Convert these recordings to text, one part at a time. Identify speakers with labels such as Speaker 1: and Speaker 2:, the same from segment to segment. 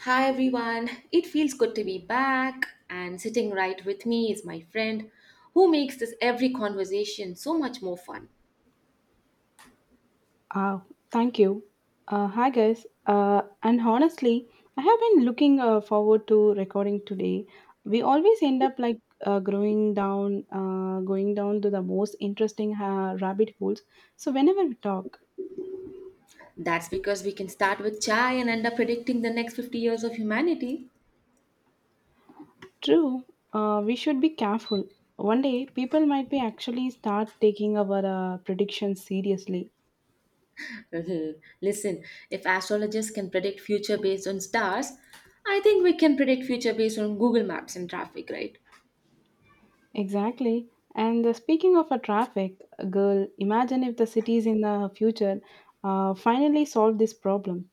Speaker 1: Hi everyone, it feels good to be back, and sitting right with me is my friend who makes this every conversation so much more fun.
Speaker 2: Uh, thank you. Hi, guys. And honestly, I have been looking forward to recording today. We always end up like going down to the most interesting rabbit holes. So, whenever we talk.
Speaker 1: That's because we can start with chai and end up predicting the next 50 years of humanity.
Speaker 2: True, we should be careful. One day, people might be actually start taking our predictions seriously.
Speaker 1: Listen, if astrologists can predict future based on stars, I think we can predict future based on Google Maps and traffic, right?
Speaker 2: Exactly. And speaking of a traffic, girl, imagine if the cities in the future finally solve this problem.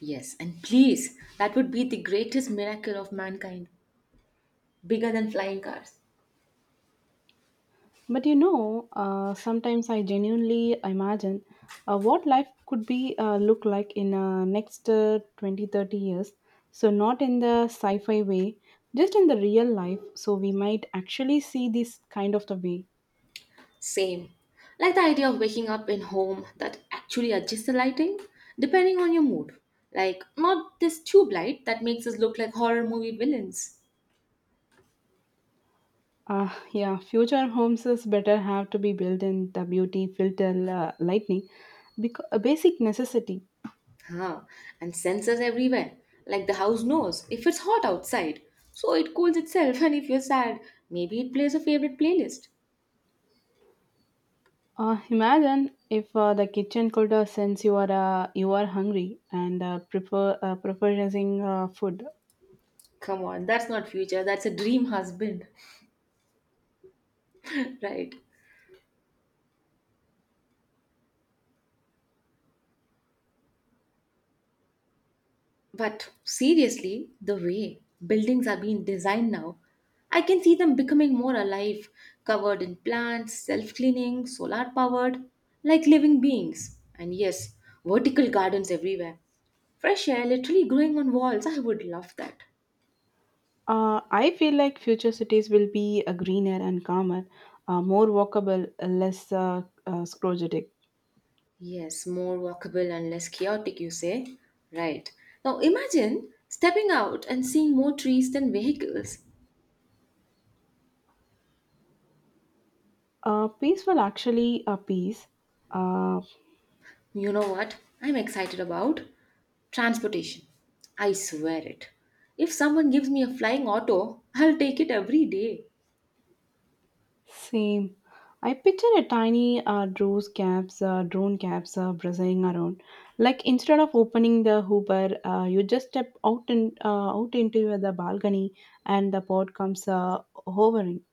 Speaker 1: Yes, and please, that would be the greatest miracle of mankind, bigger than flying cars.
Speaker 2: But sometimes I genuinely imagine what life could be look like in next 20 30 years. So, not in the sci fi way, just in the real life. So, we might actually see this kind of the way.
Speaker 1: Same. Like the idea of waking up in home that actually adjusts the lighting depending on your mood. Like not this tube light that makes us look like horror movie villains.
Speaker 2: Yeah, future homes is better have to be built in the beauty, filter, lightning, because a basic necessity.
Speaker 1: Huh. And sensors everywhere. Like the house knows if it's hot outside, so it cools itself and if you're sad, maybe it plays a favorite playlist.
Speaker 2: Imagine if the kitchen could sense you are hungry and preferring food.
Speaker 1: Come on, that's not future, that's a dream husband. Right. But seriously, the way buildings are being designed now, I can see them becoming more alive, covered in plants, self cleaning, solar powered, like living beings. And yes, vertical gardens everywhere. Fresh air literally growing on walls. I would love that.
Speaker 2: I feel like future cities will be greener and calmer, more walkable, less scrogetic.
Speaker 1: Yes, more walkable and less chaotic, you say? Right. Now imagine stepping out and seeing more trees than vehicles.
Speaker 2: Peaceful, actually, peace. Uh,
Speaker 1: You know what I'm excited about? Transportation. I swear it. If someone gives me a flying auto, I'll take it every day.
Speaker 2: same. I picture a tiny drone cabs buzzing around. Like instead of opening the Uber, you just step out and out into the balcony, and the pod comes hovering.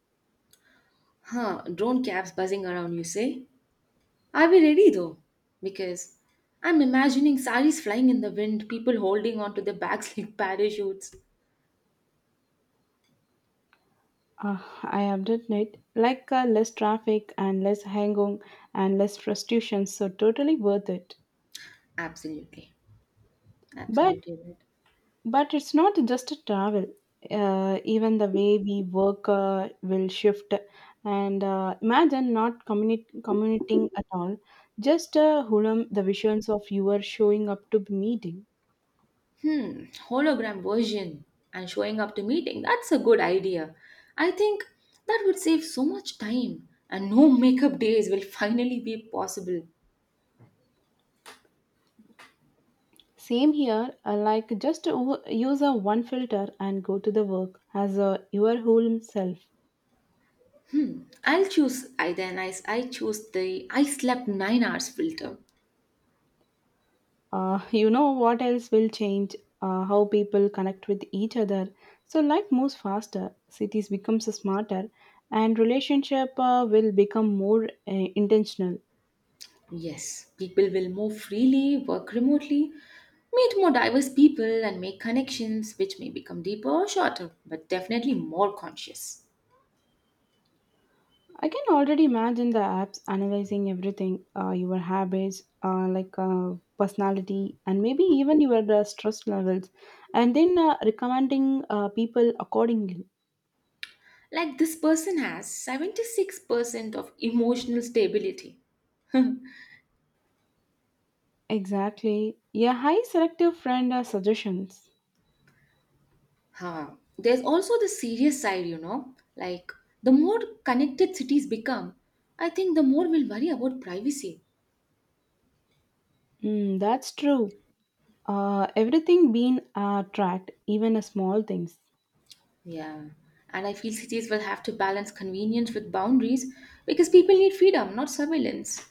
Speaker 1: Huh, drone cabs buzzing around, you say? Are we ready though? Because I'm imagining saris flying in the wind, people holding onto their bags like parachutes.
Speaker 2: Uh, I update it like less traffic and less hanging and less frustration, so totally worth it.
Speaker 1: Absolutely.
Speaker 2: But
Speaker 1: Absolutely right.
Speaker 2: but it's not just a travel. Even the way we work will shift. And imagine not commuting at all, just hulam the visions of you are showing up to the meeting.
Speaker 1: Hmm, hologram version and showing up to meeting. That's a good idea. I think that would save so much time and no makeup days will finally be possible.
Speaker 2: Same here, like just use a one filter and go to the work as your whole self.
Speaker 1: I choose the I slept 9 hours filter.
Speaker 2: You know what else will change? How people connect with each other. So life moves faster, cities becomes smarter, and relationship will become more intentional.
Speaker 1: Yes, people will move freely, work remotely, meet more diverse people and make connections which may become deeper or shorter, but definitely more conscious.
Speaker 2: I can already imagine the apps analyzing everything, your habits, like personality, and maybe even your stress levels, and then recommending people accordingly.
Speaker 1: Like this person has 76% of emotional stability.
Speaker 2: Exactly. Yeah, high selective friend suggestions.
Speaker 1: Huh. There's also the serious side. Like the more connected cities become, I think the more we'll worry about privacy.
Speaker 2: Mm, that's true. Everything being tracked, even a small things.
Speaker 1: Yeah. And I feel cities will have to balance convenience with boundaries because people need freedom, not surveillance.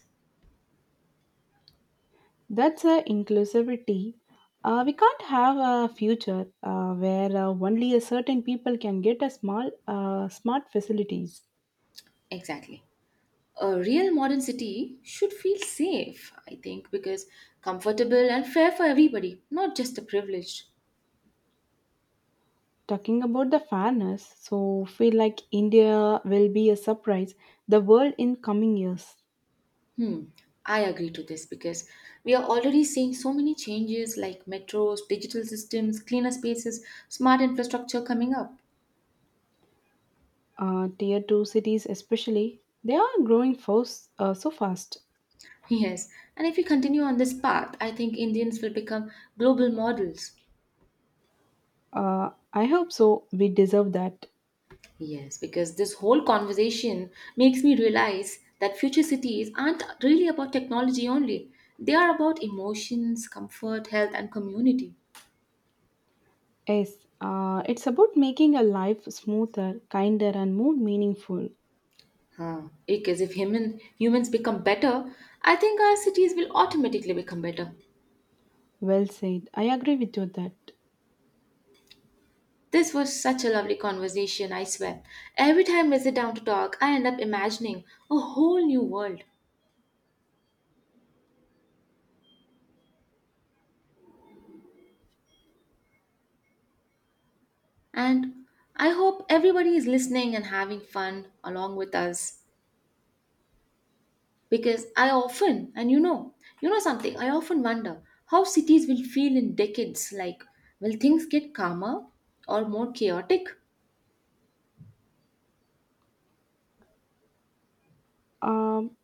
Speaker 2: That's inclusivity. We can't have a future where only a certain people can get a small smart facilities.
Speaker 1: Exactly. A real modern city should feel safe, I think, because comfortable and fair for everybody, not just the privileged.
Speaker 2: Talking about the fairness, so feel like India will be a surprise the world in coming years.
Speaker 1: Hmm, I agree to this because we are already seeing so many changes like metros, digital systems, cleaner spaces, smart infrastructure coming up.
Speaker 2: Tier two cities, especially, they are growing fast so fast.
Speaker 1: Yes, and if we continue on this path, I think Indians will become global models.
Speaker 2: I hope so. We deserve that.
Speaker 1: Yes, because this whole conversation makes me realize that future cities aren't really about technology only. They are about emotions, comfort, health, and community.
Speaker 2: Yes, it's about making a life smoother, kinder, and more meaningful.
Speaker 1: Huh. Because if humans become better, I think our cities will automatically become better.
Speaker 2: Well said. I agree with you that.
Speaker 1: This was such a lovely conversation, I swear. Every time I sit down to talk, I end up imagining a whole new world. And I hope everybody is listening and having fun along with us. Because I often, and you know something, I often wonder how cities will feel in decades. Like, will things get calmer or more chaotic?
Speaker 2: Um,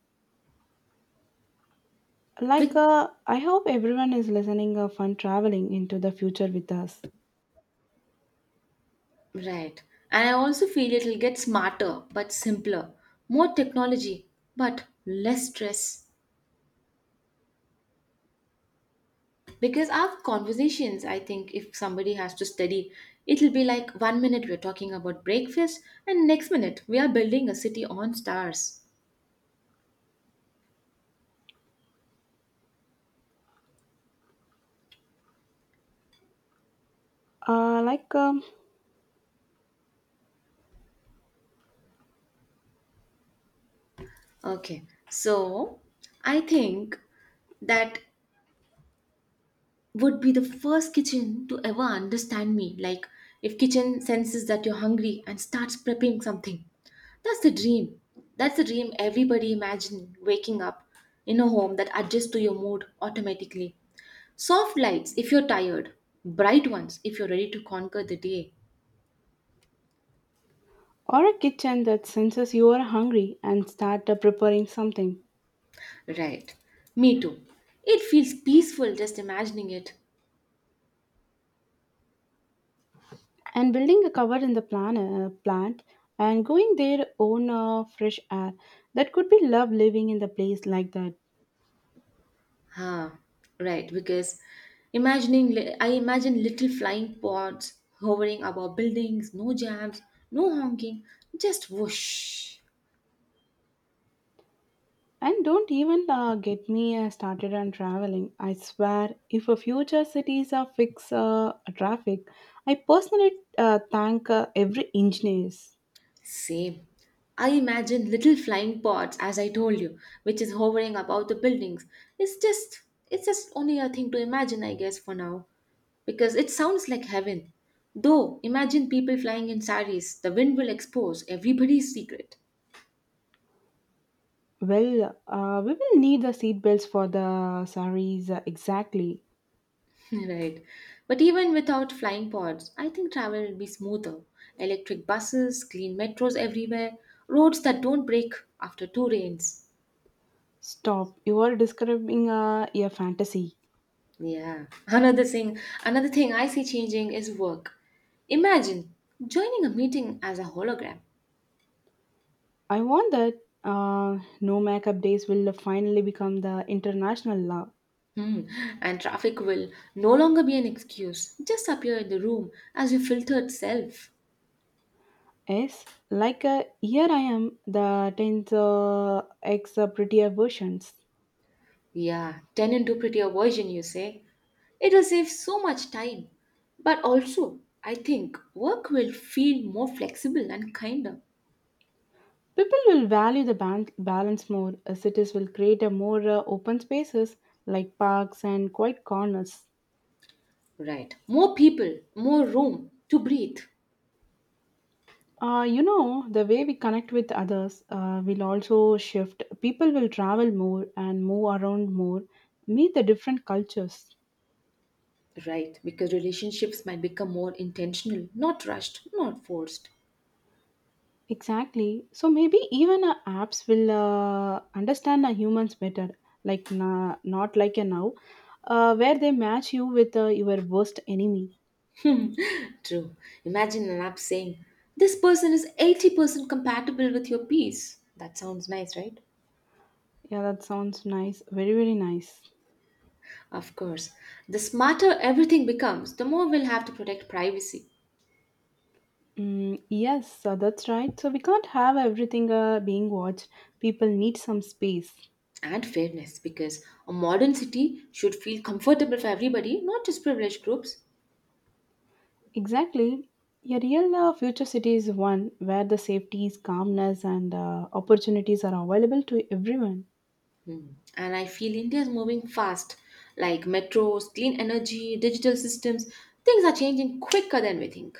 Speaker 2: like,
Speaker 1: Like,
Speaker 2: uh, I hope everyone is listening fun traveling into the future with us.
Speaker 1: right. And I also feel it'll get smarter but simpler, more technology but less stress. Because our conversations, I think, if somebody has to study, it'll be like one minute we're talking about breakfast and next minute we are building a city on stars.
Speaker 2: Uh, like, um,
Speaker 1: Okay, so I think that would be the first kitchen to ever understand me. Like if kitchen senses that you're hungry and starts prepping something, that's the dream. That's the dream. Everybody imagine waking up in a home that adjusts to your mood automatically. Soft lights if you're tired, bright ones if you're ready to conquer the day.
Speaker 2: or a kitchen that senses you are hungry and start preparing something,
Speaker 1: Right. Me too. It feels peaceful just imagining it.
Speaker 2: and building a cover in the plant, and going their own fresh air. That could be love living in the place like that.
Speaker 1: Ah, right. Because imagining, I imagine little flying pods hovering above buildings, no jams, no honking, just whoosh.
Speaker 2: And don't even get me started on traveling. I swear, if a future cities are fix traffic, I personally thank every engineers.
Speaker 1: Same. I imagine little flying pods, as I told you, which is hovering above the buildings. It's just, it's just only a thing to imagine, I guess, for now. Because it sounds like heaven. Though, imagine people flying in saris, the wind will expose everybody's secret.
Speaker 2: Well, we will need the seat belts for the saris exactly.
Speaker 1: Right. But even without flying pods, I think travel will be smoother. Electric buses, clean metros everywhere, roads that don't break after two rains.
Speaker 2: Stop! You are describing a fantasy.
Speaker 1: Yeah. Another thing I see changing is work. Imagine joining a meeting as a hologram.
Speaker 2: I want that. No makeup days will finally become the international law.
Speaker 1: Hmm. And traffic will no longer be an excuse. Just appear in the room as your filtered self.
Speaker 2: Yes, like here I am, the 10th X prettier versions.
Speaker 1: Yeah, turn into prettier version, you say. It'll save so much time. But also, I think work will feel more flexible and kinder.
Speaker 2: People will value the balance more as cities will create a more open spaces like parks and quiet corners.
Speaker 1: Right. More people, more room to breathe.
Speaker 2: The way we connect with others will also shift. People will travel more and move around more, meet the different cultures.
Speaker 1: Right, because relationships might become more intentional, not rushed, not forced.
Speaker 2: Exactly. So maybe even apps will understand humans better, like not like a now, where they match you with your worst enemy.
Speaker 1: True. Imagine an app saying, this person is 80% compatible with your piece. That sounds nice, right?
Speaker 2: Yeah, that sounds nice. Very, very nice.
Speaker 1: Of course. The smarter everything becomes, the more we'll have to protect privacy.
Speaker 2: Mm, yes, so that's right. So we can't have everything being watched. People need some space.
Speaker 1: And fairness, because a modern city should feel comfortable for everybody, not just privileged groups.
Speaker 2: Exactly. A real future city is one where the safeties, calmness, and opportunities are available to everyone.
Speaker 1: Hmm. And I feel India is moving fast, like metros, clean energy, digital systems. Things are changing quicker than we think.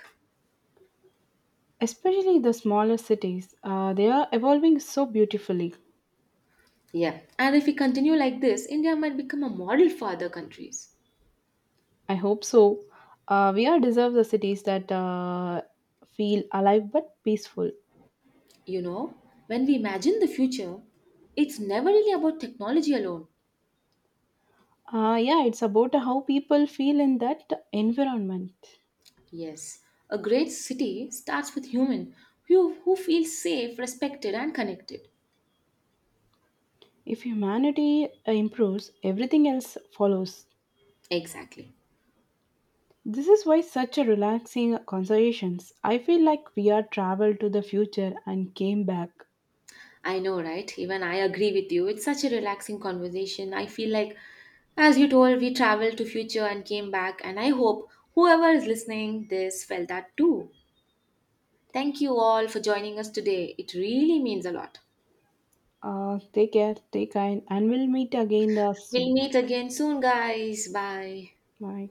Speaker 2: Especially the smaller cities, they are evolving so beautifully.
Speaker 1: Yeah, and if we continue like this, India might become a model for other countries.
Speaker 2: I hope so. We are deserve the cities that feel alive but peaceful.
Speaker 1: You know, when we imagine the future, it's never really about technology alone.
Speaker 2: Yeah, it's about how people feel in that environment.
Speaker 1: Yes, a great city starts with human who feels safe, respected, and connected.
Speaker 2: If humanity improves, everything else follows.
Speaker 1: Exactly.
Speaker 2: This is why such a relaxing conversations. I feel like we are traveled to the future and came back.
Speaker 1: I know, right? Even I agree with you. It's such a relaxing conversation. I feel like, as you told, we traveled to future and came back, and I hope whoever is listening this felt that too. Thank you all for joining us today. It really means a lot.
Speaker 2: Take care, take kind, and we'll meet again
Speaker 1: We'll
Speaker 2: soon.
Speaker 1: meet again soon, guys. Bye.
Speaker 2: Bye.